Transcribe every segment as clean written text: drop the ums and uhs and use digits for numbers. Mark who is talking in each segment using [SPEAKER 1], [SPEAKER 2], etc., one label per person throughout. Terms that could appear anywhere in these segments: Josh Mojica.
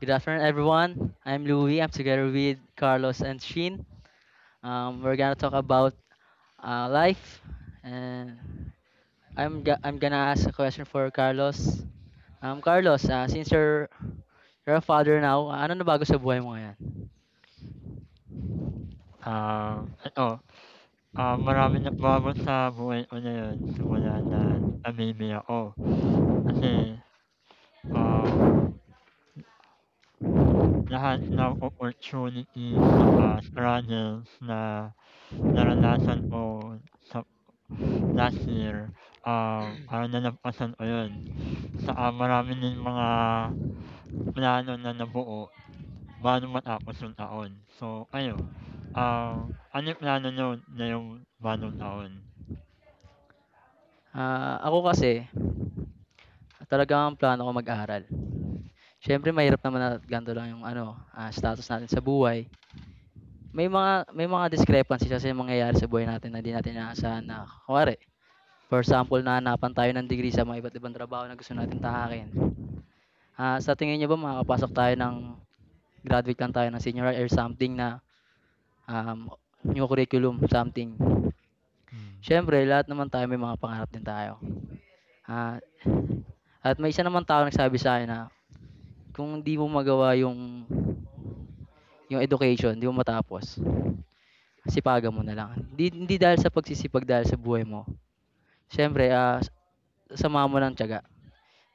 [SPEAKER 1] Good afternoon, everyone. I'm Louie. I'm together with Carlos and Sheen. We're gonna talk about life, and I'm gonna ask a question for Carlos. Carlos, since you're a father now, ano na bago sa buhay mo ngayon?
[SPEAKER 2] Ano, marami na nagbago sa buhay ko ngayon simula na namimi ako. Kasi, um, lahat ng opportunities saka struggles na naranasan ko sa last year, parang nalagpasan ko yun. Saka marami din mga plano na nabuo bago matapos yung taon. So ayo, ah, ano yung plano niyo ngayong bagong taon?
[SPEAKER 1] Ah, ako kasi, talagang plano ko mag-aral. Siyempre, mahirap naman na ganito lang yung ano, status natin sa buhay. May mga discrepancies kasi mangyayari sa buhay natin na hindi natin inaasahan na. Kuwari, for example, nahanapan tayo ng degree sa mga iba't ibang trabaho na gusto natin tahakin. Ah, sa tingin niyo ba makakapasok tayo ng graduate lang tayo ng senior or something na um, new curriculum, something?
[SPEAKER 2] Hmm,
[SPEAKER 1] Siyempre, lahat naman tayo may mga pangarap din tayo. Ah, at may isa naman tao nagsabi sa akin na kung hindi mo magawa yung education, hindi mo matapos, sipagan mo na lang. Hindi, hindi dahil sa pagsisipag, dahil sa buhay mo. Siyempre, sama mo ng tiyaga.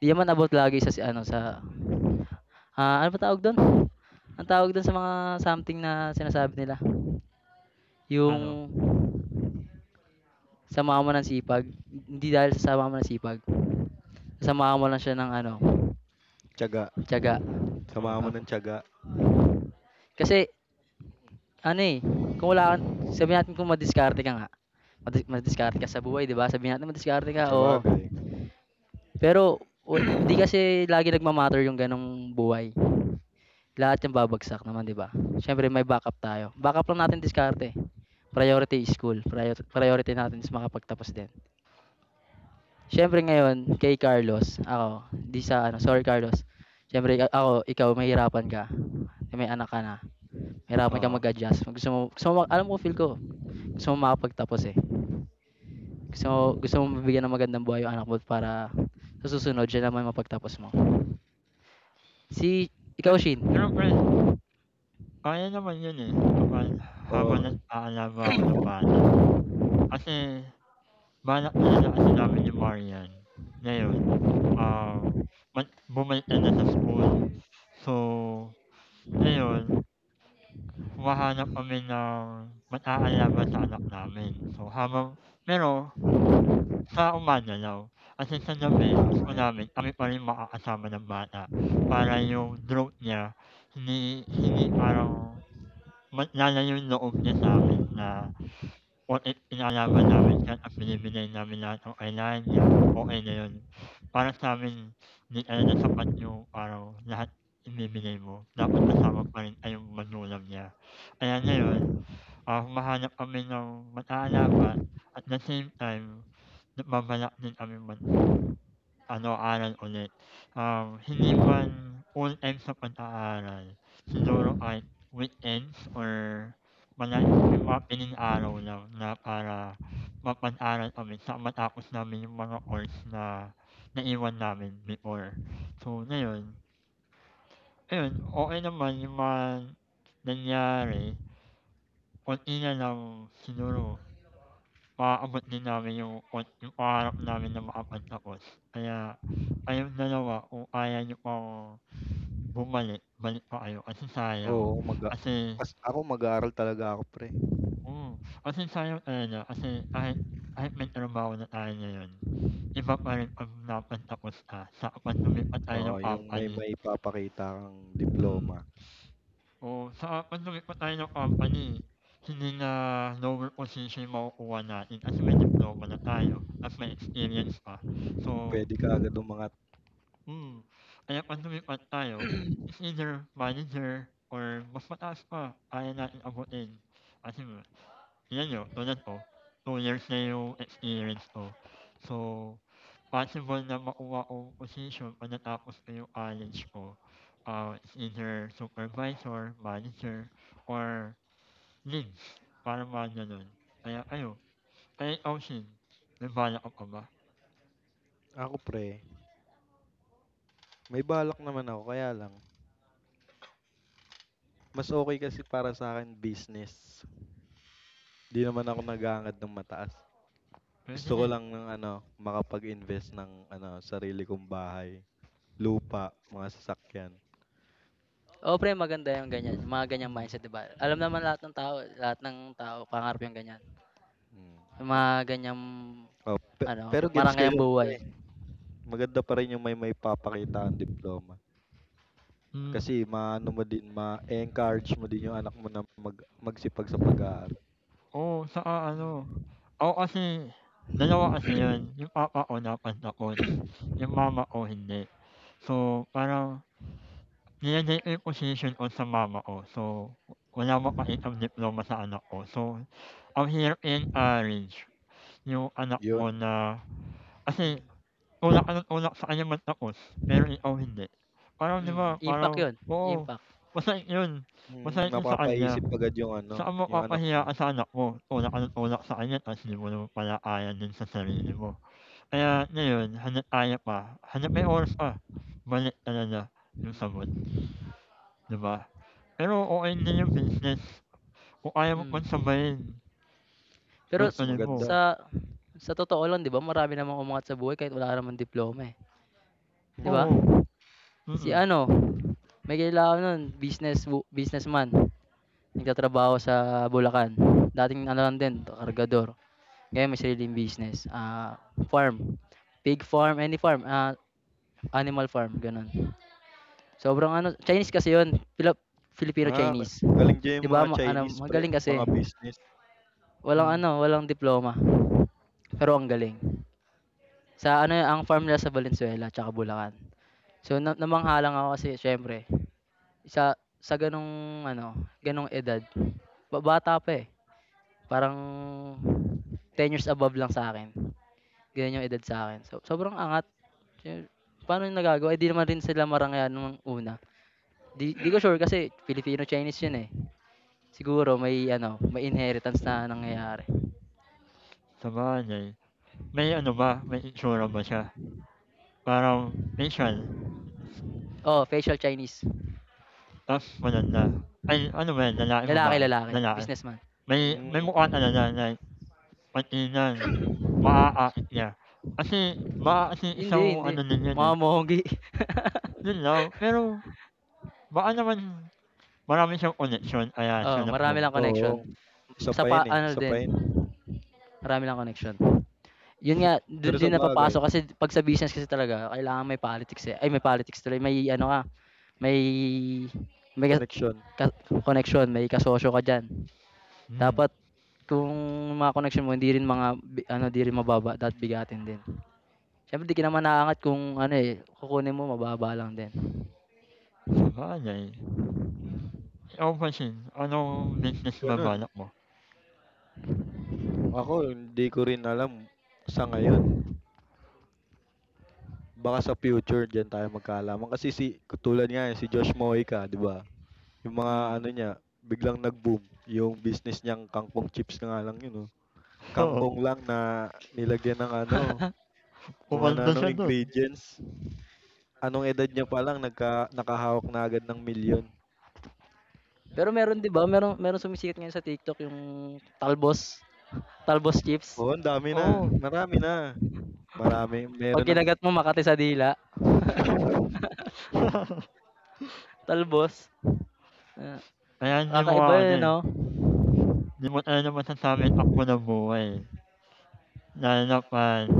[SPEAKER 1] Di naman about lagi sa ano sa Ah, ano ba tawag dun? Ang tawag dun sa mga something na sinasabi nila,
[SPEAKER 2] Ano?
[SPEAKER 1] yung samahan mo ng sipag, hindi dahil sa samahan mo ng sipag, samahan mo lang siya ng ano,
[SPEAKER 3] Tiyaga,
[SPEAKER 1] tiyaga.
[SPEAKER 2] Oh.
[SPEAKER 3] samahan
[SPEAKER 1] Di
[SPEAKER 3] mo ng tiyaga,
[SPEAKER 1] kasi ano eh, kung wala kang, sabihin natin kung madiskarte ka nga, madiskarte ka sa buhay, di ba? Sabihin natin madiskarte ka, oo.
[SPEAKER 3] sabagay.
[SPEAKER 1] Pero, di kasi lagi nagmamatter yung ganong buhay. Lahat yung babagsak naman, di ba? Siyempre, may backup tayo. Backup lang natin diskarte. Priority is school. Priority natin is makapagtapos din. Siyempre ngayon kay Carlos, ako, di sa ano, sorry Carlos. Siyempre ako, ikaw mahirapan ka. May anak ka na. Mahirapan ka
[SPEAKER 2] Oo.
[SPEAKER 1] mag-adjust. Gusto mo, alam ko feel ko, gusto mo makapagtapos eh. Gusto mo mabigyan ng magandang buhay yung anak mo para sa susunod siya naman mapagtapos mo. Si
[SPEAKER 2] Pe
[SPEAKER 1] ikaw Shin.
[SPEAKER 2] pero pre, kaya naman yun, eh, kapag habang
[SPEAKER 3] Oo,
[SPEAKER 2] nag-aalaga ako ng bata. Kasi balak talaga kasi namin ni Marian ngayon, ah, bumalik na na sa school. So, ngayon humahanap kami ng mag-aalaga sa anak namin. So habang pero sa umaga Umañalaw, kasi sa
[SPEAKER 3] yun
[SPEAKER 2] gabi
[SPEAKER 3] tama
[SPEAKER 2] gusto
[SPEAKER 3] yan.
[SPEAKER 2] namin kami pa rin makakasama ng bata para yung growth niya hindi hindi parang mas lalayo yung loob niya sa'min na o i inalaban namin siya at binibigay namin lahat ng kailangan niya, okey na yun. Para sa'min hindi talaga sapat yung araw lahat ibibigay mo, dapat kasama pa rin ay yung magulang niya. Kaya ngayon, humahanap kami ng mag-aalaga at the same time, nagbabalak din kaming mag ano, aral ulit. Hindi man all ends sa pag-aaral, siguro kahit weekends or may mga piling araw lang na para mapag-aral kami saka matapos namin yung mga course na naiwan namin before. So, ngayon, ayun, okey naman yung mga nangyari. Konti na lang siguro maaabot din namin yung yung pangarap namin na makapagtapos. Kaya kayong dalawa kung kaya niyo pang bumalik, balik pa kayo kasi sayang.
[SPEAKER 3] Oo, mag a
[SPEAKER 2] Kasi,
[SPEAKER 3] ako mag-aaral talaga ako pre.
[SPEAKER 2] oo, kasi sayang talaga kasi kahit kahit may trabaho na tayo ngayon, iba pa rin 'pag nakapagtapos ka sa 'pag lumipat tayo
[SPEAKER 3] Oo,
[SPEAKER 2] ng
[SPEAKER 3] yung may
[SPEAKER 2] company.
[SPEAKER 3] maipapakita kang
[SPEAKER 2] Hmm.
[SPEAKER 3] diploma,
[SPEAKER 2] Oo, saka 'pag lumipat tayo ng company, hindi na lower position yung makukuha natin kasi may diploma na tayo at may experience pa. So
[SPEAKER 3] puwede ka agad umangat.
[SPEAKER 2] Hmm, kaya pag lumipat tayo, it's either manager or mas mataas pa kaya natin abutin. Kasi nga, yan nyo, tulad ko, 2 years na yung experience ko. So, possible na makuha ko position pagkatapos ko yung college ko. It's either supervisor, manager, or leads. Para mga ganun. Kaya ayo, kaya ikaw sin, may bala ka pa ba?
[SPEAKER 3] Ako pre, may balak naman ako kaya lang, mas okay kasi para sa akin business. 'Di naman ako nag-aangad ng mataas.
[SPEAKER 2] Pwede
[SPEAKER 3] Gusto ko
[SPEAKER 2] din.
[SPEAKER 3] lang ng ano, makapag-invest ng ano, sarili kong bahay, lupa, mga sasakyan.
[SPEAKER 1] Oo pre, maganda yung ganyan, yung mga ganyang
[SPEAKER 2] Mm.
[SPEAKER 1] mindset, 'di ba? Alam naman lahat ng tao pangarap yung ganyan.
[SPEAKER 3] Hmm.
[SPEAKER 1] Yung
[SPEAKER 2] O-
[SPEAKER 1] mga ganyang
[SPEAKER 3] Oh, pe
[SPEAKER 1] ano,
[SPEAKER 3] pero gets ko
[SPEAKER 1] marangayang
[SPEAKER 3] yun
[SPEAKER 1] buhay.
[SPEAKER 3] pre. Maganda pa rin yung may maipapakita kang diploma.
[SPEAKER 2] Mm.
[SPEAKER 3] Kasi maano mo din, ma encourage mo din yung anak mo na magsipag sa pag-aaral.
[SPEAKER 2] Oo, saka ano,
[SPEAKER 1] Mm,
[SPEAKER 2] ako kasi dalawa kasi yun, yung papa ko napantapos, yung mama ko hindi. So, parang nilagay ko yung posisyon ko sa mama ko. So, wala makaitang diploma sa anak ko. So, ang hirap i-encourage yung anak
[SPEAKER 3] Yun,
[SPEAKER 2] mo na, kasi
[SPEAKER 1] mm,
[SPEAKER 2] tulak ka ng tulak sa kanya magtapos, pero ikaw hindi. Parang di
[SPEAKER 1] mm.
[SPEAKER 2] ba,
[SPEAKER 1] Impact
[SPEAKER 2] parang,
[SPEAKER 1] 'yun,
[SPEAKER 2] oo,
[SPEAKER 1] impact.
[SPEAKER 2] masakit yun. Masakit yun sa kanya.
[SPEAKER 3] napapaisip agad yung ano,
[SPEAKER 2] Saan
[SPEAKER 3] yung anak
[SPEAKER 2] mapapahiya
[SPEAKER 3] mo.
[SPEAKER 2] ka sa anak mo, tulak ka ng tulak sa kanya tapos di mo naman pala kaya din sa sarili mo. Kaya ngayon hana't kaya pa, hangga't may oras pa, balik talaga yung sagot, 'di ba? Pero okey na yung business, kung kaya mo pang
[SPEAKER 1] Mm.
[SPEAKER 2] sabayin,
[SPEAKER 1] Pero
[SPEAKER 3] Mas
[SPEAKER 2] tuloy-tuloy mo.
[SPEAKER 3] maganda.
[SPEAKER 1] sa sa totoo lang 'di ba marami namang umangat sa buhay kahit wala ka namang diploma, eh, 'di ba?
[SPEAKER 3] Mm.
[SPEAKER 2] Oo,
[SPEAKER 1] Si
[SPEAKER 2] Mm-mm.
[SPEAKER 1] ano, may kilala ako businessman, nagtatrabaho sa Bulacan. Dating ano lang din, kargador. Ngayon may sariling business, farm, pig farm, any farm, animal farm, gano'n. Sobrang ano Chinese kasi 'yun,
[SPEAKER 3] Ah,
[SPEAKER 1] Filipino-Chinese.
[SPEAKER 3] magaling diyan
[SPEAKER 1] 'Di
[SPEAKER 3] yung
[SPEAKER 1] ba
[SPEAKER 3] mga
[SPEAKER 1] ma ano,
[SPEAKER 3] Chinese pre,
[SPEAKER 1] magaling
[SPEAKER 3] mga
[SPEAKER 1] kasi,
[SPEAKER 3] business.
[SPEAKER 1] walang
[SPEAKER 2] Hmm.
[SPEAKER 1] ano, walang diploma, pero ang galing. Sa ano ang farm nila sa Valenzuela tsaka Bulacan. So na namangha lang ako kasi siyempre sa sa ganong ano, ganong edad ba bata pa eh, parang 10 years above lang sa'kin, ganun yung edad sa akin. So sobrang angat, eh, paano yung nagagawa, eh, di naman rin sila marangya nung una. Di di ko sure kasi Filipino-Chinese yun eh, siguro may ano, may inheritance na nangyayari.
[SPEAKER 2] Sabagay, may ano ba, may itsura ba siya? Parang facial
[SPEAKER 1] Oh facial Chinese,
[SPEAKER 2] tapos maganda. Ay ano ba 'yan, lalaki,
[SPEAKER 1] lalaki,
[SPEAKER 2] babae?
[SPEAKER 1] lalaki,
[SPEAKER 2] Lalaki.
[SPEAKER 1] businessman.
[SPEAKER 2] May may
[SPEAKER 3] Mm,
[SPEAKER 2] mukha talaga like Katinan, maaakit niya. Kasi baka kasi
[SPEAKER 1] Hindi,
[SPEAKER 2] isang
[SPEAKER 1] hindi,
[SPEAKER 2] ano din yun,
[SPEAKER 1] mga
[SPEAKER 2] eh,
[SPEAKER 1] mongi.
[SPEAKER 2] yun lang. Pero baka naman marami siyang koneksyon kaya
[SPEAKER 1] Oo,
[SPEAKER 2] sinap
[SPEAKER 1] marami
[SPEAKER 2] mo.
[SPEAKER 1] lang
[SPEAKER 3] oo.
[SPEAKER 1] connection.
[SPEAKER 3] Isa
[SPEAKER 1] Sa
[SPEAKER 3] pa
[SPEAKER 1] pa
[SPEAKER 3] yan, eh,
[SPEAKER 1] ano
[SPEAKER 3] isa pa
[SPEAKER 1] din,
[SPEAKER 3] yan.
[SPEAKER 1] marami lang connection. Yun
[SPEAKER 2] Si
[SPEAKER 1] nga, dun
[SPEAKER 3] Pero
[SPEAKER 1] din napapasok
[SPEAKER 3] sabagay,
[SPEAKER 1] kasi 'pag sa business kasi talaga kailangan may politics, eh. Ay, may politics tuloy, may ano ka, may may ka
[SPEAKER 3] koneksyon,
[SPEAKER 1] connection, may kasosyo ka diyan.
[SPEAKER 2] hmm,
[SPEAKER 1] Dapat kung mga connection mo hindi rin mga ano, di rin mababa, dapat bigatin din. Siyempre di ka naman aangat kung ano, eh, kukunin mo mababa lang din.
[SPEAKER 2] sabagay. Ikaw ba Shin, anong business ba
[SPEAKER 3] gano'n.
[SPEAKER 2] balak mo?
[SPEAKER 3] Ako hindi ko rin alam sa ngayon. Baka sa future diyan tayo magkaalaman kasi si tulad nga yan, si Josh Mojica, 'di ba? Yung mga
[SPEAKER 1] Mm.
[SPEAKER 3] ano niya, biglang nag-boom yung business niyang kangkong chips na nga lang yun, oh.
[SPEAKER 2] Oo,
[SPEAKER 3] Kangkong lang na nilagyan ng ano, kung
[SPEAKER 2] umaldo
[SPEAKER 3] ano-anong
[SPEAKER 2] siya dun.
[SPEAKER 3] ingredients. Anong edad niya pa lang nakahawak na agad ng milyon.
[SPEAKER 1] Pero meron 'di ba, merong sumisikat ngayon sa TikTok yung talbos, talbos chips.
[SPEAKER 3] Oo, ang dami na.
[SPEAKER 2] Oo,
[SPEAKER 3] Marami na. Marami.
[SPEAKER 1] 'Pag
[SPEAKER 3] Meron na.
[SPEAKER 1] kinagat mo makati sa dila, talbos. Ah,
[SPEAKER 2] kaya hindi mo nga
[SPEAKER 1] kakaiba
[SPEAKER 2] ano,
[SPEAKER 1] 'yun
[SPEAKER 2] eh,
[SPEAKER 1] 'no?
[SPEAKER 2] hindi mo talaga masasabi ang takbo ng buhay, lalo na 'pag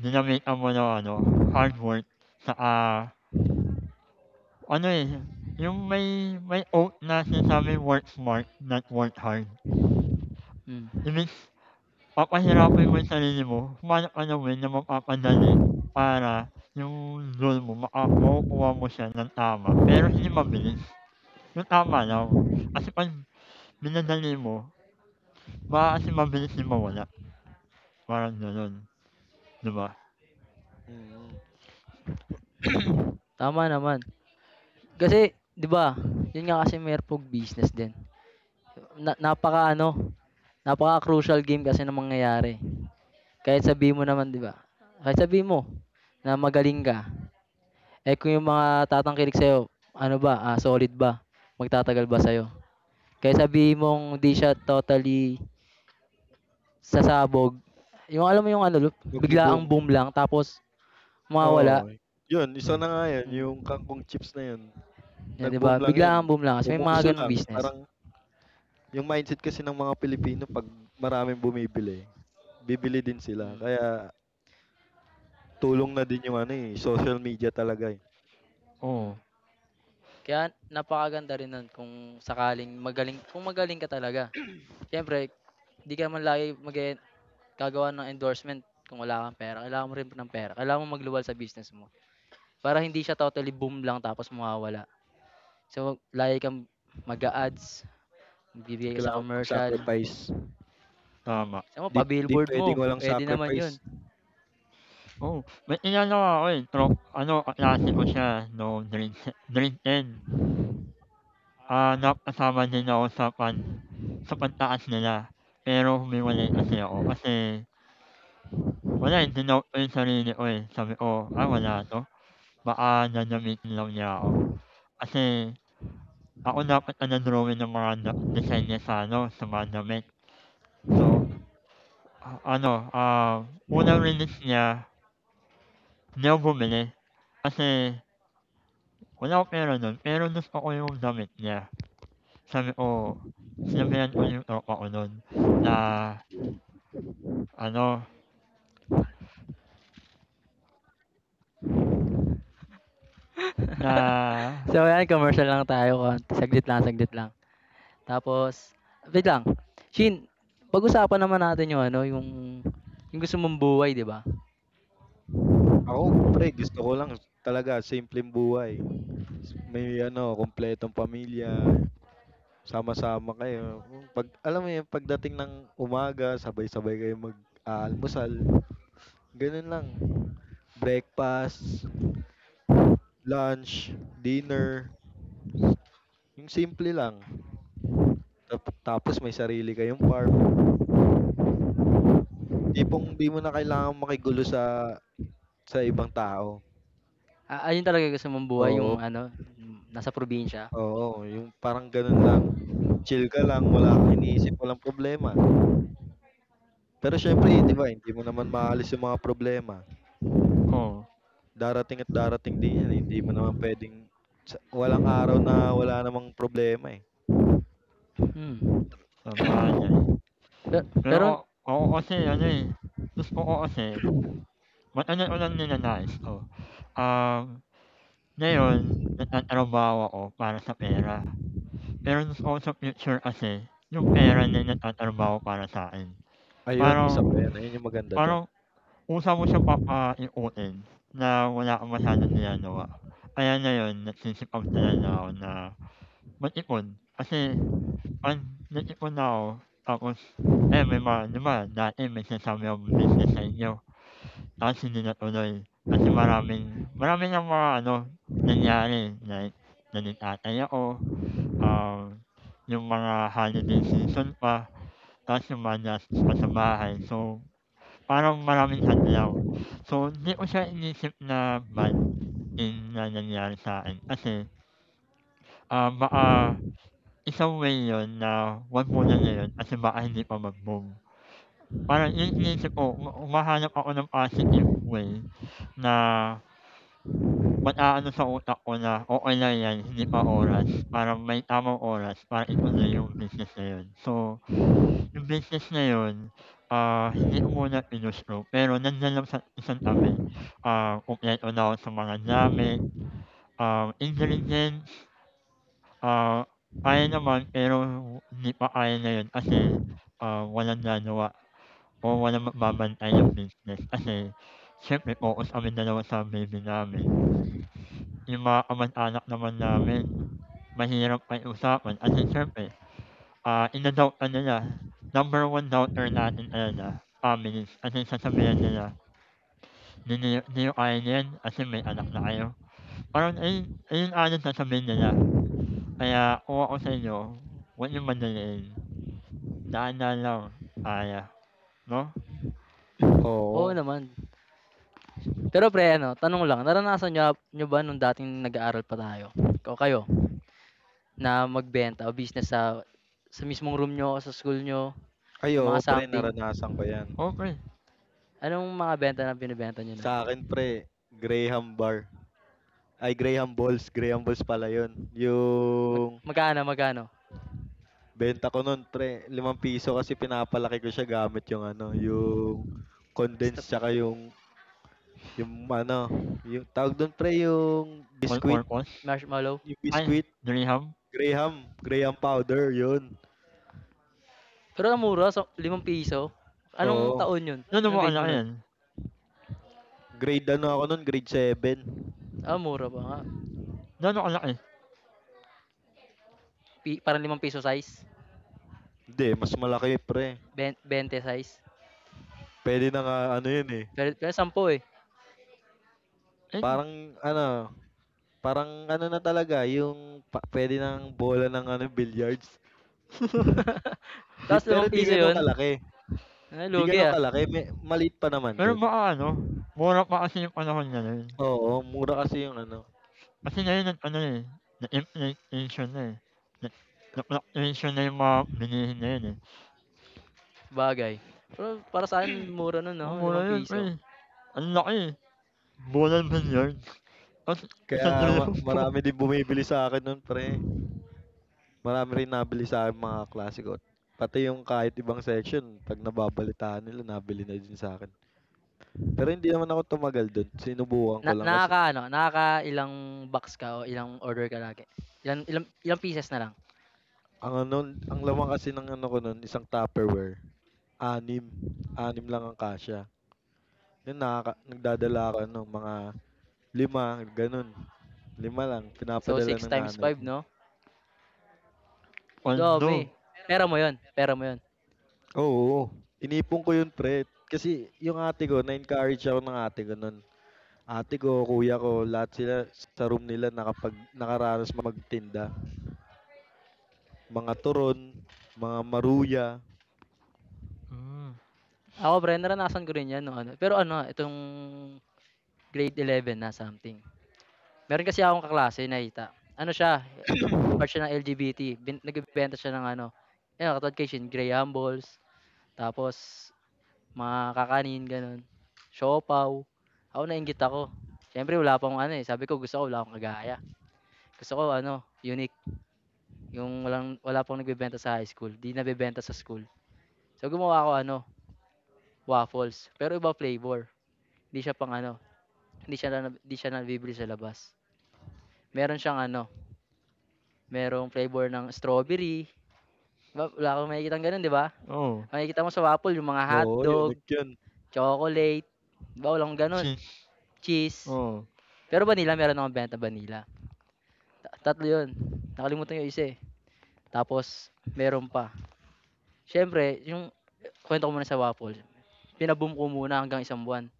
[SPEAKER 2] dinamitan mo ng ano, hard work, saka ano, eh, yung may quote na sinasabing, "Work smart, not work hard."
[SPEAKER 1] Hmm,
[SPEAKER 2] Imbes papahirapan mo yung sarili mo, humanap ka ng way na mapapadali para yung goal mo makukuha mo siya ng tama, pero hindi mabilis. Yung tama lang, kasi 'pag minadali mo, baka kasi mabilis din mawala, parang gano'n, 'di ba?
[SPEAKER 3] Mm,
[SPEAKER 1] tama naman. Kasi 'di ba, 'yun nga kasi merpog business din. Na napaka ano, napaka-crucial game kasi ng mangyayari. Kahit sabi mo naman 'di ba, kahit sabi mo na magaling ka, eh, kung yung mga tatangkilik sa'yo ano ba, solid ba, magtatagal ba sa'yo. Kahit sabi mong di siya totally sasabog, yung alam mo yung ano, biglaang
[SPEAKER 3] magbo-boom.
[SPEAKER 1] boom lang tapos mawawala.
[SPEAKER 3] Oo. Yun, isa
[SPEAKER 2] Hmm,
[SPEAKER 3] na nga yan. Yung
[SPEAKER 1] Hmm.
[SPEAKER 3] kangkong chips na yun.
[SPEAKER 1] Yeah, 'di
[SPEAKER 3] Nag-boom
[SPEAKER 1] ba?
[SPEAKER 3] lang yun.
[SPEAKER 1] Bigla ang bumlakas, may
[SPEAKER 3] Umuuso
[SPEAKER 1] mga ganong
[SPEAKER 3] lang.
[SPEAKER 1] business.
[SPEAKER 3] Parang yung mindset kasi ng mga Pilipino 'pag maraming bumibili, bibili din sila.
[SPEAKER 1] Mm,
[SPEAKER 3] Kaya tulong na din yung ano, eh, social media talaga, eh.
[SPEAKER 2] oo,
[SPEAKER 1] mm. Kaya napakaganda rin nun kung sakaling magaling kung magaling ka talaga. Siyempre, 'di ka man lagi mag gagawa ng endorsement kung wala kang pera. Kailangan mo rin ng pera. Kailangan mo magluwal sa business mo para hindi siya totally boom lang tapos mawawala. So, lagi kang mag-a-ads, magbibigay ka sa
[SPEAKER 3] Kailangan
[SPEAKER 1] commercial.
[SPEAKER 3] mag-sacrifice.
[SPEAKER 1] Mm.
[SPEAKER 2] tama.
[SPEAKER 1] Sama
[SPEAKER 3] Hindi hindi
[SPEAKER 1] pa-billboard
[SPEAKER 3] puwedeng
[SPEAKER 1] mo.
[SPEAKER 3] walang
[SPEAKER 1] Pwede naman
[SPEAKER 3] sacrifice.
[SPEAKER 1] 'yun.
[SPEAKER 2] Oo, may inano ako, eh, ano, kaklase ko siya nung grade 10. Dapat kasama din ako sa sa pagtaas nila, pero humiwalay kasi ako kasi wala, eh, dinout ko yung sarili ko, eh, sabi ko, "Ah, wala 'to, baka gagamitin lang niya ako." Kasi ako dapat ang nag-drawing ng mga design niya sa ano, sa mga damit. So, ano, unang release niya, hindi ako bumili kasi wala akong pera nun, pero gusto ko yung damit niya. Sabi ko Sinabihan ko yung tropa ko nun na ano. Na
[SPEAKER 1] So, ayan, commercial lang tayo. Konti. Saglit lang, saglit lang. Tapos wait lang, Shin, pag-usapan naman natin yung ano, yung gusto mong buhay, 'di ba?
[SPEAKER 3] Ako pre gusto ko lang talaga simpleng buhay. May ano, kumpletong pamilya, sama-sama kayo. 'Pag alam mo yun, pagdating ng umaga sabay-sabay kayo mag-aalmusal, gano'n lang. Breakfast, lunch, dinner, yung simple lang. Tapos may sarili kayong farm, tipong di mo na kailangang makigulo sa ibang tao.
[SPEAKER 1] Ah, ayun talaga gusto mong buhay yung
[SPEAKER 3] Oo,
[SPEAKER 1] ano, yung nasa probinsya?
[SPEAKER 3] oo, yung parang gano'n lang, chill ka lang, wala kang iniisip, walang problema. Pero siyempre 'di ba, hindi mo naman maalis yung mga problema,
[SPEAKER 2] oo,
[SPEAKER 3] darating at darating din 'yan, eh, hindi mo naman puwedeng sa walang araw na wala namang problema, eh.
[SPEAKER 1] Hmm,
[SPEAKER 2] sabagay.
[SPEAKER 1] pe
[SPEAKER 2] Pero
[SPEAKER 1] pero
[SPEAKER 2] ako kasi ano, eh, gusto ko kasi ba't ano unang ninanais ko, um, ngayon nagtatrabaho ako para sa pera. Pero gusto ko sa future kasi yung pera na nagtatrabaho para sa'kin.
[SPEAKER 3] Ayun, isa
[SPEAKER 2] Parang
[SPEAKER 3] pa 'yan, ayun yung maganda do'n.
[SPEAKER 2] parang usa mo siyang papaiutin na wala kang masyadong ginagawa. Kaya ngayon nagsisipag talaga ako na mag-ipon kasi ang nag-ipon ako tapos ayan may mga di ba dati may sinasabi akong business sa inyo, tapos hindi natuloy kasi maraming marami ng mga ano, nangyari like naning-atay ako, um, yung mga holiday season pa, tapos yung mga gastos pa sa bahay so parang maraming hadlang. So hindi ko siya inisip na bad thing na nangyari sa akin kasi, baka isang way yun na wag muna ngayon kasi baka hindi pa mag-move. Parang yun iniisip ko humahanap ako ng positive way na mag-aano sa utak ko na, "Okey lang yan, hindi pa oras." Parang may tamang oras para ituloy yung business na yun. So, yung business na yun, hindi ko muna pinursue pero nandiyan lang sa isang tabi, kumpleto na ako sa mga gamit, ingredient. Ah, Kaya naman pero hindi pa kaya ngayon kasi, walang gagawa o walang magbabantay ng business kasi siyempre focus kami dalawa sa baby namin. Yung mga kamag-anak naman namin mahirap pakiusapan kasi siyempre, ina-doubt ka nila. Number one doubter natin talaga families kasi sasabihan nila, "Hindi niyo kaya niyan kasi may anak na kayo." Parang ayun ayun agad sasabihin nila. Kaya kung ako sa inyo, huwag niyong madaliin. Naalala ko, Aya, 'no?
[SPEAKER 1] oo
[SPEAKER 3] Oo.
[SPEAKER 1] naman. Pero pre ano, tanong lang, naranasan niyo niyo ba nung dating nag-aaral pa tayo o kayo na magbenta o business sa mismong room niyo o sa school niyo,
[SPEAKER 3] Ay oo,
[SPEAKER 1] mga
[SPEAKER 3] pre
[SPEAKER 1] something?
[SPEAKER 3] naranasan ko 'yan.
[SPEAKER 2] Okey.
[SPEAKER 1] Anong mga benta na binebenta niyo
[SPEAKER 3] Sa
[SPEAKER 1] nun?
[SPEAKER 3] akin pre, Graham bar. Ay, Graham Balls. Graham Balls pala yun.
[SPEAKER 1] Mag
[SPEAKER 3] Yung
[SPEAKER 1] magkano, magkano?
[SPEAKER 3] benta ko nun, pre, ₱5 kasi pinapalaki ko siya gamit yung ano, yung
[SPEAKER 1] Sta
[SPEAKER 3] condensed tsaka yung ano, yung tawag doon, pre,
[SPEAKER 2] On Purpose?
[SPEAKER 1] marshmallow?
[SPEAKER 3] yung
[SPEAKER 2] Ay,
[SPEAKER 3] biscuit,
[SPEAKER 2] Graham?
[SPEAKER 3] Graham, Graham powder, yun.
[SPEAKER 1] Pero ang mura sa ₱5. Anong
[SPEAKER 3] Oo.
[SPEAKER 1] taon 'yun?
[SPEAKER 2] Gaano
[SPEAKER 1] Anong
[SPEAKER 2] ba
[SPEAKER 1] grade mo
[SPEAKER 2] kalaki
[SPEAKER 1] nun?
[SPEAKER 2] 'yan?
[SPEAKER 3] Grade ano ako nun, grade 7.
[SPEAKER 1] Ah, mura pa nga.
[SPEAKER 2] Gaano kalaki?
[SPEAKER 1] Parang ₱5 size,
[SPEAKER 3] Hindi, mas malaki, pre.
[SPEAKER 1] 20 size.
[SPEAKER 3] Pwede na nga, ano yun eh.
[SPEAKER 1] Pero pero 10 eh.
[SPEAKER 2] And
[SPEAKER 3] Parang, ano, parang ano na talaga, yung pwede ng bola ng ano, billiards. Di
[SPEAKER 1] Tapos
[SPEAKER 3] pero
[SPEAKER 1] limang
[SPEAKER 3] di
[SPEAKER 1] piso
[SPEAKER 3] gano'n
[SPEAKER 1] 'yun?
[SPEAKER 3] kalaki.
[SPEAKER 1] Ah,
[SPEAKER 3] Di
[SPEAKER 1] lugi,
[SPEAKER 3] gano'n
[SPEAKER 1] ah.
[SPEAKER 3] kalaki, may maliit pa naman
[SPEAKER 2] pero
[SPEAKER 3] do'n.
[SPEAKER 2] baka ano, mura pa kasi yung panahon na nun.
[SPEAKER 3] Oo, mura kasi yung ano,
[SPEAKER 2] Kasi ngayon nag ano, eh, na inflation na, eh. Nag Na-fluctuation na yung mga bilihin na yun, eh.
[SPEAKER 1] Sabagay. Pero para sa akin mura nun
[SPEAKER 2] Kung
[SPEAKER 1] 'no,
[SPEAKER 2] mura
[SPEAKER 1] Limang
[SPEAKER 2] yun pre,
[SPEAKER 1] piso.
[SPEAKER 2] ang laki, eh, ₱2,000,000,000 tas
[SPEAKER 3] kaya ma
[SPEAKER 2] ₱1,000,000 po.
[SPEAKER 3] marami din bumibili sa'kin no'n pre. Marami rin nabili sa'kin mga klase ko, pati yung kahit ibang section 'pag nababalitaan nila nabili na din sa akin. Pero hindi naman ako tumagal do'n, sinubukan ko
[SPEAKER 1] Na
[SPEAKER 3] lang kasi
[SPEAKER 1] nakaka, ano? Nakakaano, ilang box ka o ilang order ka lagi? Ilang ilang ilang pieces na lang?
[SPEAKER 3] ang ano ang laman kasi ng ano ko no'n isang Tupperware, anim. Anim lang ang kasya. 'Yun nagdadala ako ano, mga lima gano'n, lima lang
[SPEAKER 1] So
[SPEAKER 3] pinapadala
[SPEAKER 1] six
[SPEAKER 3] ng
[SPEAKER 1] times
[SPEAKER 3] nanay
[SPEAKER 1] five
[SPEAKER 3] ko.
[SPEAKER 1] 'no? Ang
[SPEAKER 2] Pondo.
[SPEAKER 1] dami. Pera mo 'yun, pera mo 'yun.
[SPEAKER 3] Oo, inipon ko yun pre, kasi yung ate ko na-encourage ako ng ate ko nun. Ate ko, kuya ko, lahat sila sa room nila nakaranas magtinda. Mga turon, mga maruya.
[SPEAKER 2] Hmm,
[SPEAKER 1] Ako pre naranasan ko rin 'yan nung ano pero ano, itong Grade 11 na something. Meron kasi akong kaklase nakita. Ano siya, part siya ng LGBT. Nagbebenta siya ng ano, ayun, katulad kay Shin Graham balls, tapos mga kakanin, ganun. Siopaw. Ako nainggit ako. Siyempre wala pang ano eh. Sabi ko gusto ko wala akong kagaya. Gusto ko ano, unique. Yung walang, wala pang nagbebenta sa high school. Di nabebenta sa school. So gumawa ako ano, waffles. Pero iba flavor. Di siya pang ano, di siya, na, di siya nabibili sa labas. Meron siyang ano, merong flavor ng strawberry. Ba wala kang makikitang gano'n, 'di ba?
[SPEAKER 2] oh
[SPEAKER 1] Makikita mo sa waffle yung mga
[SPEAKER 3] Oo,
[SPEAKER 1] hotdog,
[SPEAKER 3] unique yun.
[SPEAKER 1] chocolate, 'di ba? Wala akong gano'n.
[SPEAKER 2] Cheese,
[SPEAKER 1] Cheese.
[SPEAKER 2] oo.
[SPEAKER 1] Pero vanilla, meron akong benta vanilla. Tatlo yun. Nakalimutan ko yung isa eh. Tapos, meron pa. Siyempre, yung kwento ko muna sa waffle. Pinaboom ko muna hanggang isang buwan.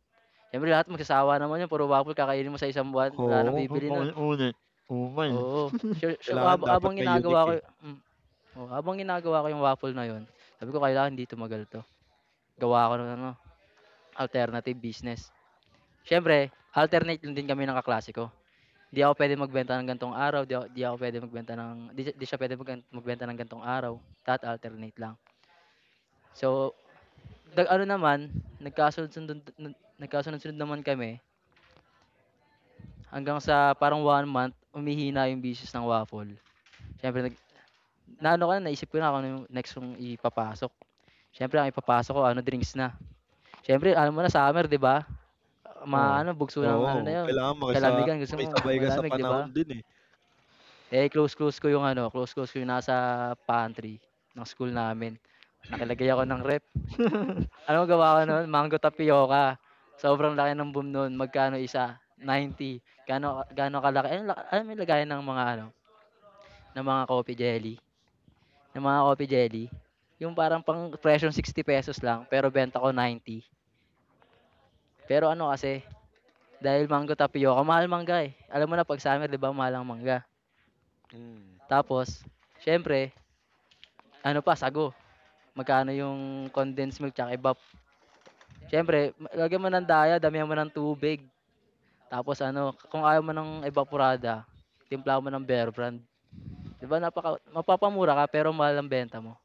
[SPEAKER 1] Siyempre, lahat magsasawa naman yun. Puro waffle, kakainin mo sa isang buwan. Wala nang
[SPEAKER 3] Oo,
[SPEAKER 2] Kung
[SPEAKER 1] bibili nun.
[SPEAKER 2] paulit-ulit, ukay.
[SPEAKER 1] Oo. Sure, sure,
[SPEAKER 3] kailangan dapat
[SPEAKER 1] habang
[SPEAKER 3] may unique
[SPEAKER 1] ginagawa ko,
[SPEAKER 3] eh.
[SPEAKER 1] oo, abang ginagawa ko yung waffle na yun, sabi ko, kailangan hindi tumagal to. Gawa ako ng ano, alternative business. Siyempre, alternate lang din kami ng kaklase ko. Di ako pwede magbenta ng gantong araw, di ako pwede magbenta ng, di, di siya pwede magbenta ng gantong araw. That alternate lang. So, nag, ano naman, nagkasunod-sunod, nagkasunod-sunod naman kami hanggang sa parang one month, umihina yung business ng waffle. Siyempre, naano ko na, naisip ko na kung ano yung next kong ipapasok. Siyempre, ang ipapasok ko, ano, drinks na. Siyempre, alam mo na, summer, di ba?
[SPEAKER 2] Oo,
[SPEAKER 1] Maano, bugso ng ano na
[SPEAKER 3] Oo,
[SPEAKER 1] 'yun,
[SPEAKER 3] kailangan
[SPEAKER 1] kalamigan. Gusto mo
[SPEAKER 3] makisabay ka sa
[SPEAKER 1] malamig, 'di
[SPEAKER 3] panahon
[SPEAKER 1] ba?
[SPEAKER 3] din eh.
[SPEAKER 1] Eh, close-close ko 'yung ano, close-close ko 'yung nasa pantry ng school namin. Nakilagay ako ng ano mo gawa ko no'n, mango tapioca. Sobrang laki ng boom no'n, magkano isa? 90. Gaano gaano kalaki ano alam mo 'yung lagayan ng mga ano, ng mga coffee jelly, ng mga coffee jelly? 'Yung parang pang presyo ₱60 lang, pero benta ko 90. Pero ano kasi, dahil mango tapioca, mahal mangga, eh. Alam mo na 'pag summer, 'di ba, mahal ang mangga.
[SPEAKER 3] Mm.
[SPEAKER 1] Tapos siyempre ano pa sago, magkano yung condensed milk tsaka evap. Siyempre lagyan mo ng daya, damihan mo ng tubig, tapos ano kung ayaw mo ng evaporada, timpla mo ng Bear Brand. 'Di ba napaka mapapamura ka pero mahal ang benta mo.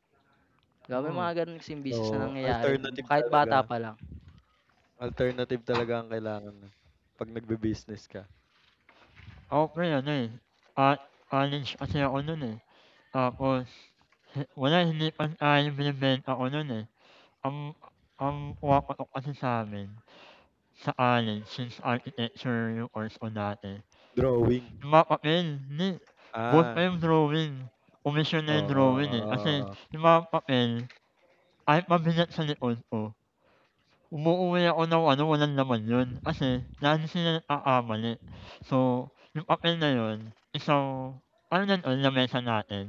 [SPEAKER 1] 'Di ba may
[SPEAKER 2] oo.
[SPEAKER 1] mga ganun kasing business
[SPEAKER 3] Oo,
[SPEAKER 1] na nangyayari
[SPEAKER 3] alternative
[SPEAKER 1] kahit
[SPEAKER 3] talaga.
[SPEAKER 1] bata pa lang.
[SPEAKER 3] Alternative talaga ang kailangan nun, 'pag nagbe business ka.
[SPEAKER 2] Okey ano, eh, ah, college kasi ako nun, eh, tapos wala hindi pantay yung binebenta ko nun, eh. Ang ang pumapatok kasi sa'min sa college since architecture yung course ko dati,
[SPEAKER 3] Drawing.
[SPEAKER 2] yung mga papel hindi, buhos
[SPEAKER 3] Ah,
[SPEAKER 2] pa yung drawing, komisyon
[SPEAKER 3] oo,
[SPEAKER 2] na yung
[SPEAKER 3] oo,
[SPEAKER 2] drawing, eh, kasi
[SPEAKER 3] oo, oo.
[SPEAKER 2] yung mga papel kahit mabigat sa likod ko umuuwi ako ng ano, walang laman yun kasi lagi sila nagkakamali. So, yung papel na yun, isang ano na nun na lamesa natin,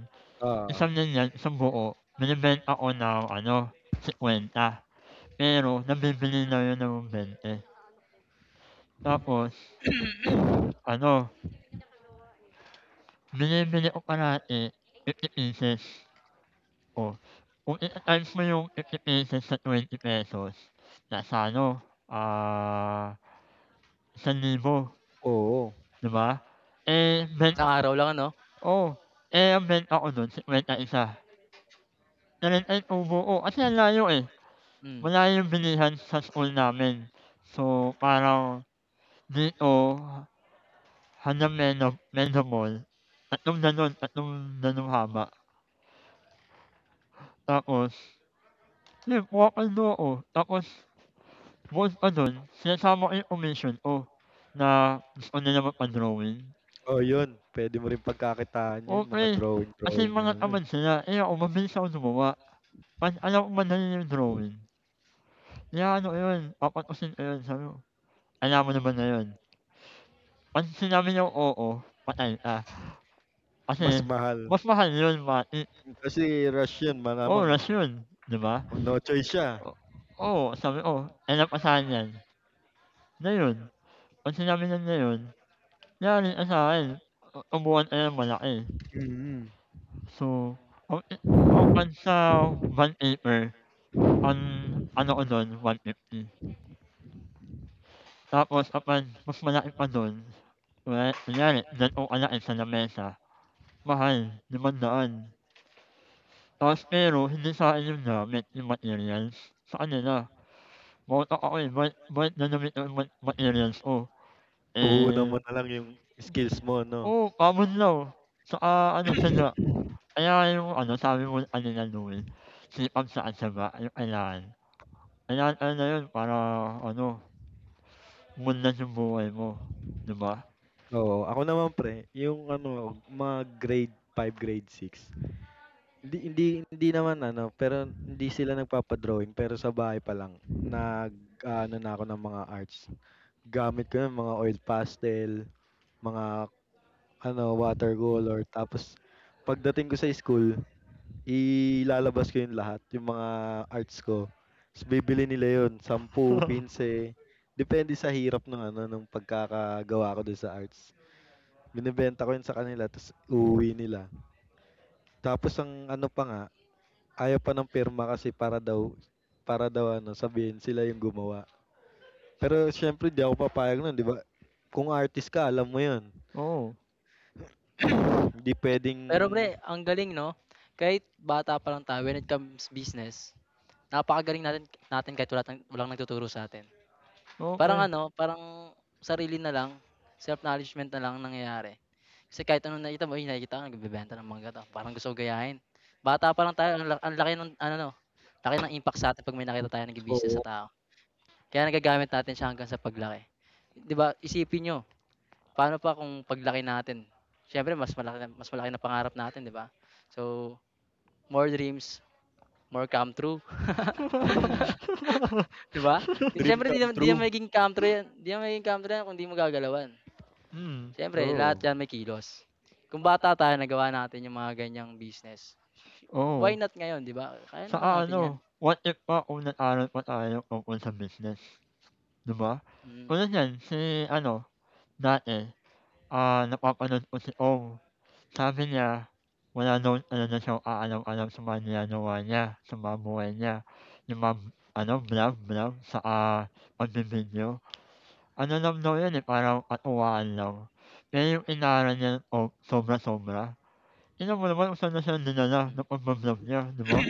[SPEAKER 3] Oo.
[SPEAKER 2] isang ganyan, isang buo, binebenta ko ng ano, 50. Pero nabibili na yun ng 20. Tapos ano, binibili ko parati 50 pieces. Oh, kung ita-times mo yung 50 pieces sa ₱20, nasa ano, ah, ₱1,000,
[SPEAKER 3] Oo.
[SPEAKER 2] 'di ba? Eh,
[SPEAKER 1] Isang araw lang ano?
[SPEAKER 2] Oo, eh, nag-benta ako nun, 51. Na-rent-an tubo ko kasi ang layo, eh,
[SPEAKER 1] Hmm.
[SPEAKER 2] malayo yung bilihan sa school namin. So, parang dito hanggang Meno Meno Mall, 3 ganon, 3 ganong haba. Tapos yun, kuha-kaldo ako tapos bukod pa dun sinasama ko yung commission ko na gusto nila magpa-drawing.
[SPEAKER 3] Oh, yun puwede mo rin pagkakitaan yun mga
[SPEAKER 2] Okey, kasi
[SPEAKER 3] drawing-drawing na
[SPEAKER 2] mga
[SPEAKER 3] ano, eh,
[SPEAKER 2] tamad sila, eh, ako mabilis ako gumawa. 'Pag alam kong madali yung drawing, inaano ko yun, papapusin ko yun, sabi ko, "Alam mo naman na yun." 'Pag sinabi niyang oo, patay ka.
[SPEAKER 3] mas
[SPEAKER 2] Kasi
[SPEAKER 3] mahal.
[SPEAKER 2] mas mahal yun mati,
[SPEAKER 3] Kasi rush yun, malamang.
[SPEAKER 2] oras yun, 'di ba?
[SPEAKER 3] O, no choice siya.
[SPEAKER 2] O Oo, sabi ko, alam ko saan yan, na yun. 'Pag sinabi niyang na yun, yari ka sa'kin, tubuhan ka ng malaki.
[SPEAKER 3] Mm.
[SPEAKER 2] So, ang i ang pag sa bond paper, ang ano ko doon, 150. Tapos kapag mas malaki pa dun, kunyari ganito kalaki sa lamesa, mahal, ₱500. Tapos pero hindi sa'kin 'yung gamit, 'yung materials, sa kanila. Bata ako, eh, bike bike na damit ang materials ko.
[SPEAKER 3] Puhunan
[SPEAKER 2] Eh,
[SPEAKER 3] mo na lang yung skills mo, 'no?
[SPEAKER 2] oo, pamunlaw, tsaka ano, tiyaga. Kaya 'yung ano, sabi mo kanina Noel, sipag tsaka tiyaga 'yung kailangan. Kailangan talaga 'yun para ano, umunlad 'yung buhay mo, 'di ba?
[SPEAKER 3] Oo, ako naman pre yung ano mga grade 5 grade 6 hindi hindi hindi naman ano, pero hindi sila nagpapadrawing, pero sa bahay pa lang nag-aano na ako ng mga arts. Gamit ko yung mga oil pastel, mga ano, water color. Tapos pagdating ko sa school, ilalabas ko 'yun lahat, yung mga arts ko. Tapos bibili nila 'yun, 10, 15, depende sa hirap ng ano, ng pagkakagawa ko dun sa arts. Binebenta ko 'yun sa kanila, tapos uuwi nila. Tapos ang ano pa nga, ayaw pa ng pirma kasi para daw ano, sabihin sila yung gumawa. Pero syempre di ako papayag nun, 'di ba? Kung artist ka, alam mo 'yun.
[SPEAKER 2] Oo,
[SPEAKER 3] Hindi
[SPEAKER 1] Pe
[SPEAKER 3] pwedeng
[SPEAKER 1] pero pre ang galing 'no? Kahit bata pa lang tayo when it comes business, napakagaling natin natin kahit wala tang walang nagtuturo sa'tin. Parang
[SPEAKER 2] okey.
[SPEAKER 1] ano, parang sarili na lang, self acknowledgement na lang ang nangyayari. Kasi kahit anong nakita mo, "Uy, nakikita ko nagbebenta ng mangga 'to, parang gusto ko gayahin." Bata pa lang tayo ang laki ng ano, no, laki ng impact sa'tin 'pag may nakita tayong nagbi-business
[SPEAKER 3] oo,
[SPEAKER 1] na tao. Kaya nagagamit natin siya hanggang sa paglaki. 'Di ba, isipin niyo, paano pa kung paglaki natin, siyempre mas malaki na pangarap natin, 'di ba? So, more dreams, more come true, 'di ba?
[SPEAKER 3] dream
[SPEAKER 1] Siyempre 'di
[SPEAKER 3] come
[SPEAKER 1] naman 'di naman
[SPEAKER 3] true.
[SPEAKER 1] magiging come true 'yan, 'di naman magiging come true 'yan kung 'di mo gagalawan.
[SPEAKER 2] Hmm.
[SPEAKER 1] Siyempre lahat
[SPEAKER 3] Oo,
[SPEAKER 1] 'yan may kilos. Kung bata tayo nagawa natin yung mga ganiyang business, why
[SPEAKER 2] Oo.
[SPEAKER 1] not ngayon 'di ba? Kaya naman
[SPEAKER 2] Saka
[SPEAKER 1] natin 'yan.
[SPEAKER 2] ano, what if pa kung nag-aral pa tayo tungkol sa business, 'di ba?
[SPEAKER 1] Mm.
[SPEAKER 2] Tulad niyan si ano, dati, napapanood ko si Ong, sabi niya wala daw ano na siyang aalam-alam sa mga ginagawa niya, sa mga buhay niya. Yung mga ano, vlog-vlog saka pagbi-video. Ano lang daw yun, eh, parang katuwaan lang. Pero yung inaral niya o sobra-sobra. Tingnan mo naman kung saan na siya dinala
[SPEAKER 1] Hmm,
[SPEAKER 2] ng pagba-vlog niya, 'di ba?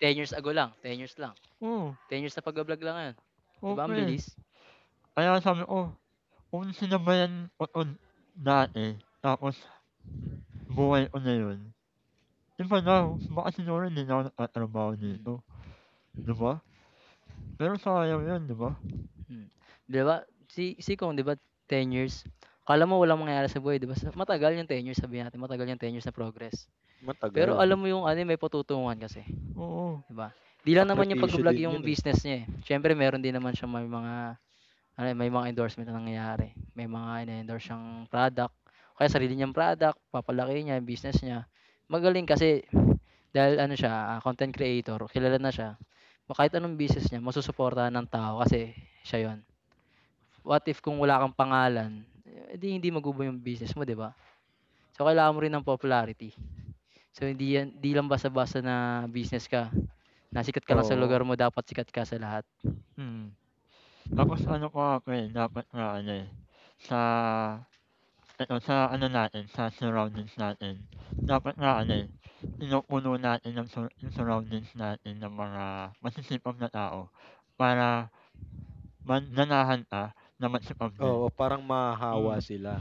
[SPEAKER 1] 10 years ago lang, 10 years lang.
[SPEAKER 2] Oo.
[SPEAKER 1] 10 years na pagba-vlog lang ngayon. 'Di
[SPEAKER 2] Oo,
[SPEAKER 1] ba ang
[SPEAKER 2] eh.
[SPEAKER 1] bilis?
[SPEAKER 2] Kaya sabi ko, kung sinabayan ko 'to dati tapos buhay ko na 'yun, 'di ba now baka siguro hindi na ako nagtatrabaho dito,
[SPEAKER 1] Mm,
[SPEAKER 2] 'di ba? Pero sayang 'yun, 'di ba?
[SPEAKER 1] hmm. 'Di ba si si Kong, 'di ba 10 years, akala mo walang mangyayari sa buhay, 'di ba? Matagal yung 10 years, sabihin natin matagal yung 10 years na progress. Pero
[SPEAKER 3] matagal.
[SPEAKER 1] alam mo yung may patutunguhan kasi,
[SPEAKER 2] Oo,
[SPEAKER 1] 'di ba? Di lang naman yung
[SPEAKER 3] Sakripisyo
[SPEAKER 1] pagba-vlog
[SPEAKER 3] din
[SPEAKER 1] yung
[SPEAKER 3] 'yun, eh.
[SPEAKER 1] business niya eh. Siyempre meron din naman siya, may mga may mga endorsement na nangyayari. May mga ine-endorse siyang product, kaya sarili niyang product, papalaki niya business niya. Magaling kasi dahil content creator, kilala na siya. O kahit anong business niya, masusuportahan ng tao kasi siya yon. What if kung wala kang pangalan, hindi eh, hindi magubo yung business mo, di ba? So, kailangan mo rin ng popularity. So, hindi, yan, di lang basta-basta na business ka. Nasikat ka lang sa lugar
[SPEAKER 3] Oo,
[SPEAKER 1] mo, dapat sikat ka sa lahat.
[SPEAKER 2] mm. Tapos ano pa ako, eh, dapat nga ano, eh, sa sa ano natin, sa surroundings natin, dapat nga ano, eh, pinupuno natin ang sur yung surroundings natin ng mga masisipag na tao para manahan ka na magsipag din.
[SPEAKER 3] oo, parang mahahawa
[SPEAKER 2] Mm.
[SPEAKER 3] sila.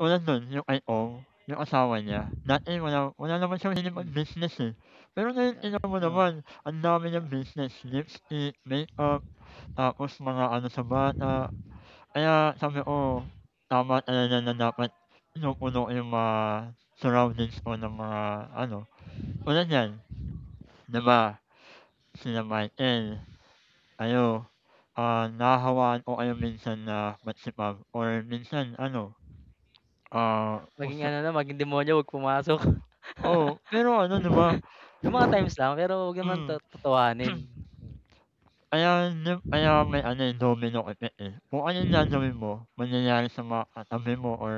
[SPEAKER 2] Tulad nun yung IO, yung asawa niya, dati wala wala naman siyang hilig
[SPEAKER 1] Mm.
[SPEAKER 2] mag-business, eh. Pero ngayon tingnan mo
[SPEAKER 1] Yeah. Oh.
[SPEAKER 2] naman ang dami
[SPEAKER 1] Yeah.
[SPEAKER 2] niyang business, lipstick, makeup, tapos mga ano sa bata. Kaya sabi ko, tama talaga na dapat pinupuno yung mga surroundings mo ng mga ano, tulad niyan, 'di ba, sina Michael, kayo, nahahawaan ko kayo minsan na magsipag or minsan ano,
[SPEAKER 1] Maging
[SPEAKER 2] usa
[SPEAKER 1] ano na, maging demonyo, huwag pumasok.
[SPEAKER 2] oh pero ano 'di
[SPEAKER 1] May mga times lang, pero huwag naman to
[SPEAKER 2] Hmm,
[SPEAKER 1] totohanin.
[SPEAKER 3] Mm.
[SPEAKER 2] kaya may ano, eh, domino effect, eh. Kung ano yung gagawin mo, mangyayari sa mga katabi mo or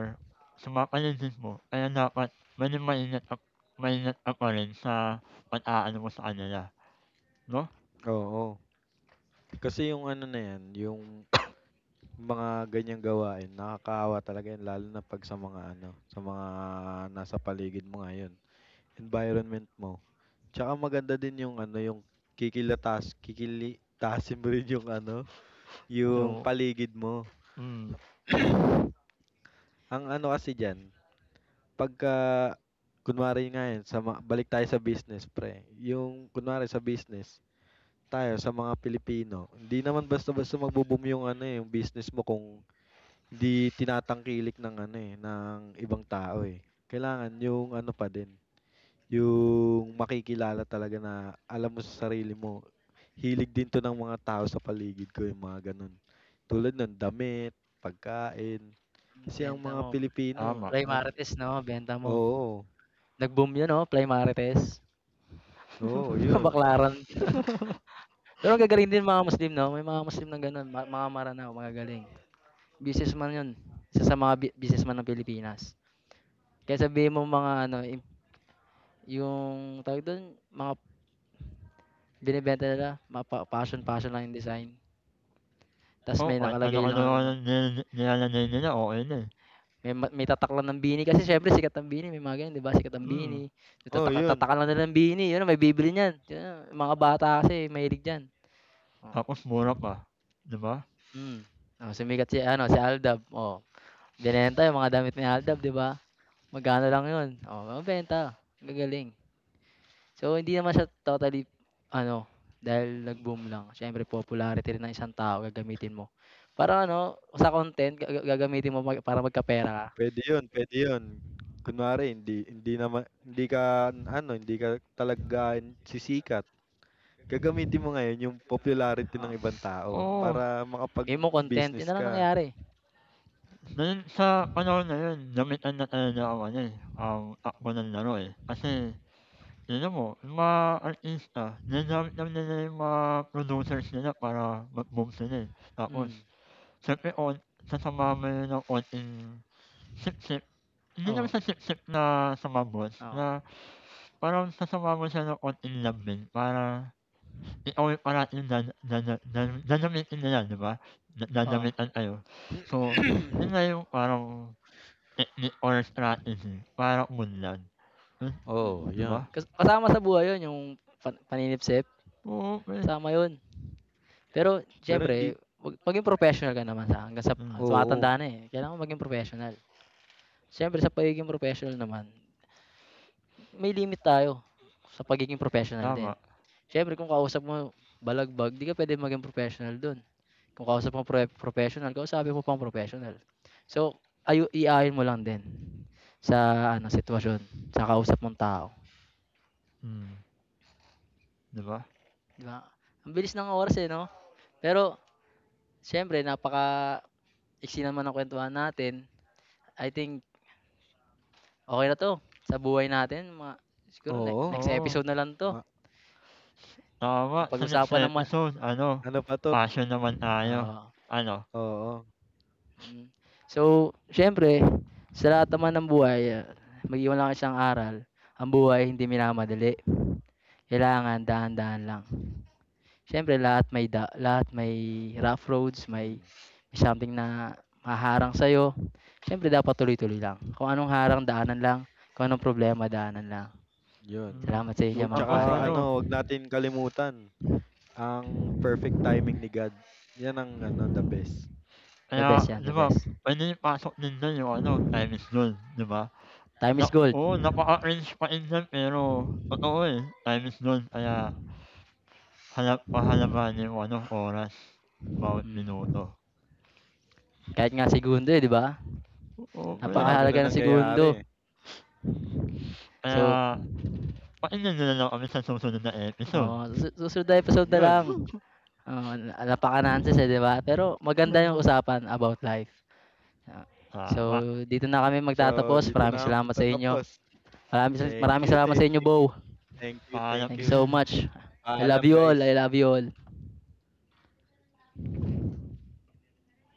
[SPEAKER 2] sa mga paligid mo. Kaya dapat maging maingat ka pa rin sa pag-aano mo sa kanila, 'no?
[SPEAKER 3] Oo, kasi yung ano na 'yan, yung mga ganiyang gawain nakakaawa talaga 'yan lalo na 'pag sa mga ano, sa mga nasa paligid mo ngayon, environment mo. Tsaka maganda din yung ano, yung kikilitasin mo rin yung ano, yung
[SPEAKER 2] So
[SPEAKER 3] paligid mo.
[SPEAKER 2] mm,
[SPEAKER 3] Ang ano kasi diyan, pagka kunwari nga yan, sa ma balik tayo sa business pre, yung kunwari sa business, tayo sa mga Pilipino, hindi naman basta-basta magbo-boom yung ano, eh, yung business mo kung hindi tinatangkilik ng ano, eh, ng ibang tao, eh. Kailangan yung ano pa din, yung makikilala talaga na alam mo sa sarili mo, hilig din 'to ng mga tao sa paligid ko, yung mga gano'n. Tulad nun, damit, pagkain,
[SPEAKER 1] Hmm,
[SPEAKER 3] kasi ang
[SPEAKER 1] benta
[SPEAKER 3] mga
[SPEAKER 1] mo,
[SPEAKER 3] Pilipino
[SPEAKER 2] tama.
[SPEAKER 1] Fly Marites 'no, benta mo.
[SPEAKER 3] oo,
[SPEAKER 1] Nag-boom 'yun 'no, Fly Marites,
[SPEAKER 3] oo, yun.
[SPEAKER 1] Baklaran. Pero ang gagaling din mga Muslim 'no, may mga Muslim na gano'n, mga Maranao, mga galing. Businessman 'yun, isa sa mga businessman ng Pilipinas. Kaya sabihin mo mga ano, im yung tawag dun, mga binibenta nila, mga passion passion lang yung design, ta's
[SPEAKER 2] Oo,
[SPEAKER 1] may
[SPEAKER 2] kahit
[SPEAKER 1] nakalagay
[SPEAKER 2] ano-ano
[SPEAKER 1] lang
[SPEAKER 2] na
[SPEAKER 1] na
[SPEAKER 2] nga nila nilalanay nila, okey na, eh.
[SPEAKER 1] May tataklan ng bini kasi siyempre sikat ang bini, may mga ganyan, 'di ba? Sikat ang
[SPEAKER 2] Mm,
[SPEAKER 1] bini.
[SPEAKER 3] Oh, yun.
[SPEAKER 1] Tatakalan nila ng bini, yun may bibili niyan. Yun mga bata kasi mahilig diyan. Oh.
[SPEAKER 2] tapos mura pa, 'di ba?
[SPEAKER 1] Mm. Oh, sumikat si si Aldab. Oh, binenta yung mga damit ni Aldab, 'di ba? Magkano lang 'yun? Oh, mabenta. Gagaling. So hindi naman siya totally ano, dahil nag-boom lang. Siyempre popularity rin ng isang tao gagamitin mo. Para ano, sa content gagamitin mo para magkapera ka.
[SPEAKER 3] Puwede yun, puwede yun. Kunwari hindi hindi naman hindi ka ano, hindi ka talaga sikat, gagamitin mo ngayon yung popularity
[SPEAKER 1] Oo.
[SPEAKER 3] ng ibang tao
[SPEAKER 1] Oo.
[SPEAKER 2] Oo,
[SPEAKER 3] para
[SPEAKER 1] Game mo content, yun
[SPEAKER 3] makapag-business
[SPEAKER 1] na lang
[SPEAKER 3] ka.
[SPEAKER 1] nangyayari.
[SPEAKER 2] ngayon sa panahon ngayon, lamitan na talaga ang ano, eh, ang takbo ng laro, eh. Kasi tignan mo, yung mga artista ginagamit lang nila yung mga producers nila para mag-boom sila, eh. Tapos
[SPEAKER 1] Hmm,
[SPEAKER 2] siyempre sasamahan mo yun ng konting sipsip, hindi naman
[SPEAKER 1] oo,
[SPEAKER 2] sa sipsip na sumabot, na
[SPEAKER 1] oo,
[SPEAKER 2] parang sasamahan mo siya ng konting lambing para ikaw yung parating dada dada dada dadamitin nila, 'di ba?
[SPEAKER 1] oo.
[SPEAKER 2] Dadamitan kayo. So, Mm. Yun nga yung parang technique or strategy para umunlad, hmm,
[SPEAKER 1] Hmm,
[SPEAKER 3] Oo, oh,
[SPEAKER 2] 'di
[SPEAKER 3] yan.
[SPEAKER 2] ba?
[SPEAKER 1] kasama sa buhay 'yun yung paninipsip,
[SPEAKER 2] Oo, eh.
[SPEAKER 1] kasama 'yun. Pero
[SPEAKER 3] Pero hindi,
[SPEAKER 1] siyempre maging professional ka naman, sa hanggang sa
[SPEAKER 2] Hmm,
[SPEAKER 3] oo,
[SPEAKER 1] tumatanda na, eh, kailangan mo maging professional. Siyempre sa pagiging professional naman, may limit tayo sa pagiging professional din.
[SPEAKER 2] tama.
[SPEAKER 1] Siyempre kung kausap mo balagbag, 'di ka pwede maging professional do'n. Kung kausap mo pre professional, kausapin mo pang professional. So, iaayon mo lang din sa ano sitwasyon, sa kausap mong tao.
[SPEAKER 2] Hmm, 'di ba?
[SPEAKER 1] 'Di ba? Ang bilis ng oras, eh, 'no? Pero siyempre napakaiksi naman ng kuwentuhan natin. I think okay na 'to sa buhay natin, mga siguro ne
[SPEAKER 3] oo. Oo.
[SPEAKER 1] next
[SPEAKER 2] Oo.
[SPEAKER 1] episode na lang 'to.
[SPEAKER 3] Ma
[SPEAKER 2] Tama, sa next
[SPEAKER 1] Napag-usapan ng ma
[SPEAKER 2] episode ano,
[SPEAKER 3] ano pa 'to,
[SPEAKER 2] fashion naman tayo, ano?
[SPEAKER 3] oo,
[SPEAKER 1] mm. So, siyempre sa lahat naman ng buhay, ah, mag-iwan lang isang aral, ang buhay hindi minamadali. Kailangan dahan-dahan lang. Siyempre lahat may rough roads,
[SPEAKER 3] hmm,
[SPEAKER 1] may something na haharang sa'yo. Siyempre dapat tuloy-tuloy lang. Kung anong harang, daanan lang. Kung anong problema, daanan lang.
[SPEAKER 3] yun.
[SPEAKER 2] Hmm.
[SPEAKER 1] Salamat sa inyo
[SPEAKER 3] Wag
[SPEAKER 1] mga
[SPEAKER 2] Tapos
[SPEAKER 1] pare
[SPEAKER 3] tsaka
[SPEAKER 1] ko, eh.
[SPEAKER 2] ano,
[SPEAKER 3] ano, wag natin kalimutan ang perfect timing ni God. Yan ang ano, the best.
[SPEAKER 1] The
[SPEAKER 2] kaya
[SPEAKER 1] best yan,
[SPEAKER 2] 'di
[SPEAKER 1] the
[SPEAKER 2] ba
[SPEAKER 1] best.
[SPEAKER 2] puwede rin pasok din diyan yung ano, time is gold, 'di ba?
[SPEAKER 1] Time
[SPEAKER 2] Na
[SPEAKER 1] is gold.
[SPEAKER 2] oo, napaka-cringe pa rin diyan pero totoo, eh, time is gold kaya pahalagahan yung ano, oras, bawat minuto.
[SPEAKER 1] Hmm. Kahit nga segundo, eh, 'di ba?
[SPEAKER 2] Oo,
[SPEAKER 3] Marami
[SPEAKER 2] pre,
[SPEAKER 3] na
[SPEAKER 1] Napakahalaga ng segundo.
[SPEAKER 3] nangyayari, eh.
[SPEAKER 1] So,
[SPEAKER 2] kaya pakinggan niyo na lang kami sa susunod na episode.
[SPEAKER 1] oh, susunod na episode na lang.
[SPEAKER 3] Yun.
[SPEAKER 1] Oo, napaka-nonsense, eh, 'di ba? Pero maganda yung usapan about life. Ah,
[SPEAKER 2] Tama,
[SPEAKER 1] so dito na kami
[SPEAKER 3] So,
[SPEAKER 1] magtatapos.
[SPEAKER 3] dito
[SPEAKER 1] Maraming
[SPEAKER 3] na ang
[SPEAKER 1] salamat sa inyo.
[SPEAKER 3] pagtatapos. Thank
[SPEAKER 1] Maraming
[SPEAKER 3] you,
[SPEAKER 1] salamat sa
[SPEAKER 3] thank
[SPEAKER 1] inyo,
[SPEAKER 3] you,
[SPEAKER 1] Bo.
[SPEAKER 3] thank you, thank
[SPEAKER 2] paalam.
[SPEAKER 1] Thank you
[SPEAKER 3] you.
[SPEAKER 1] so much. I love
[SPEAKER 3] Paalam,
[SPEAKER 1] you
[SPEAKER 3] guys.
[SPEAKER 1] all. I love you all.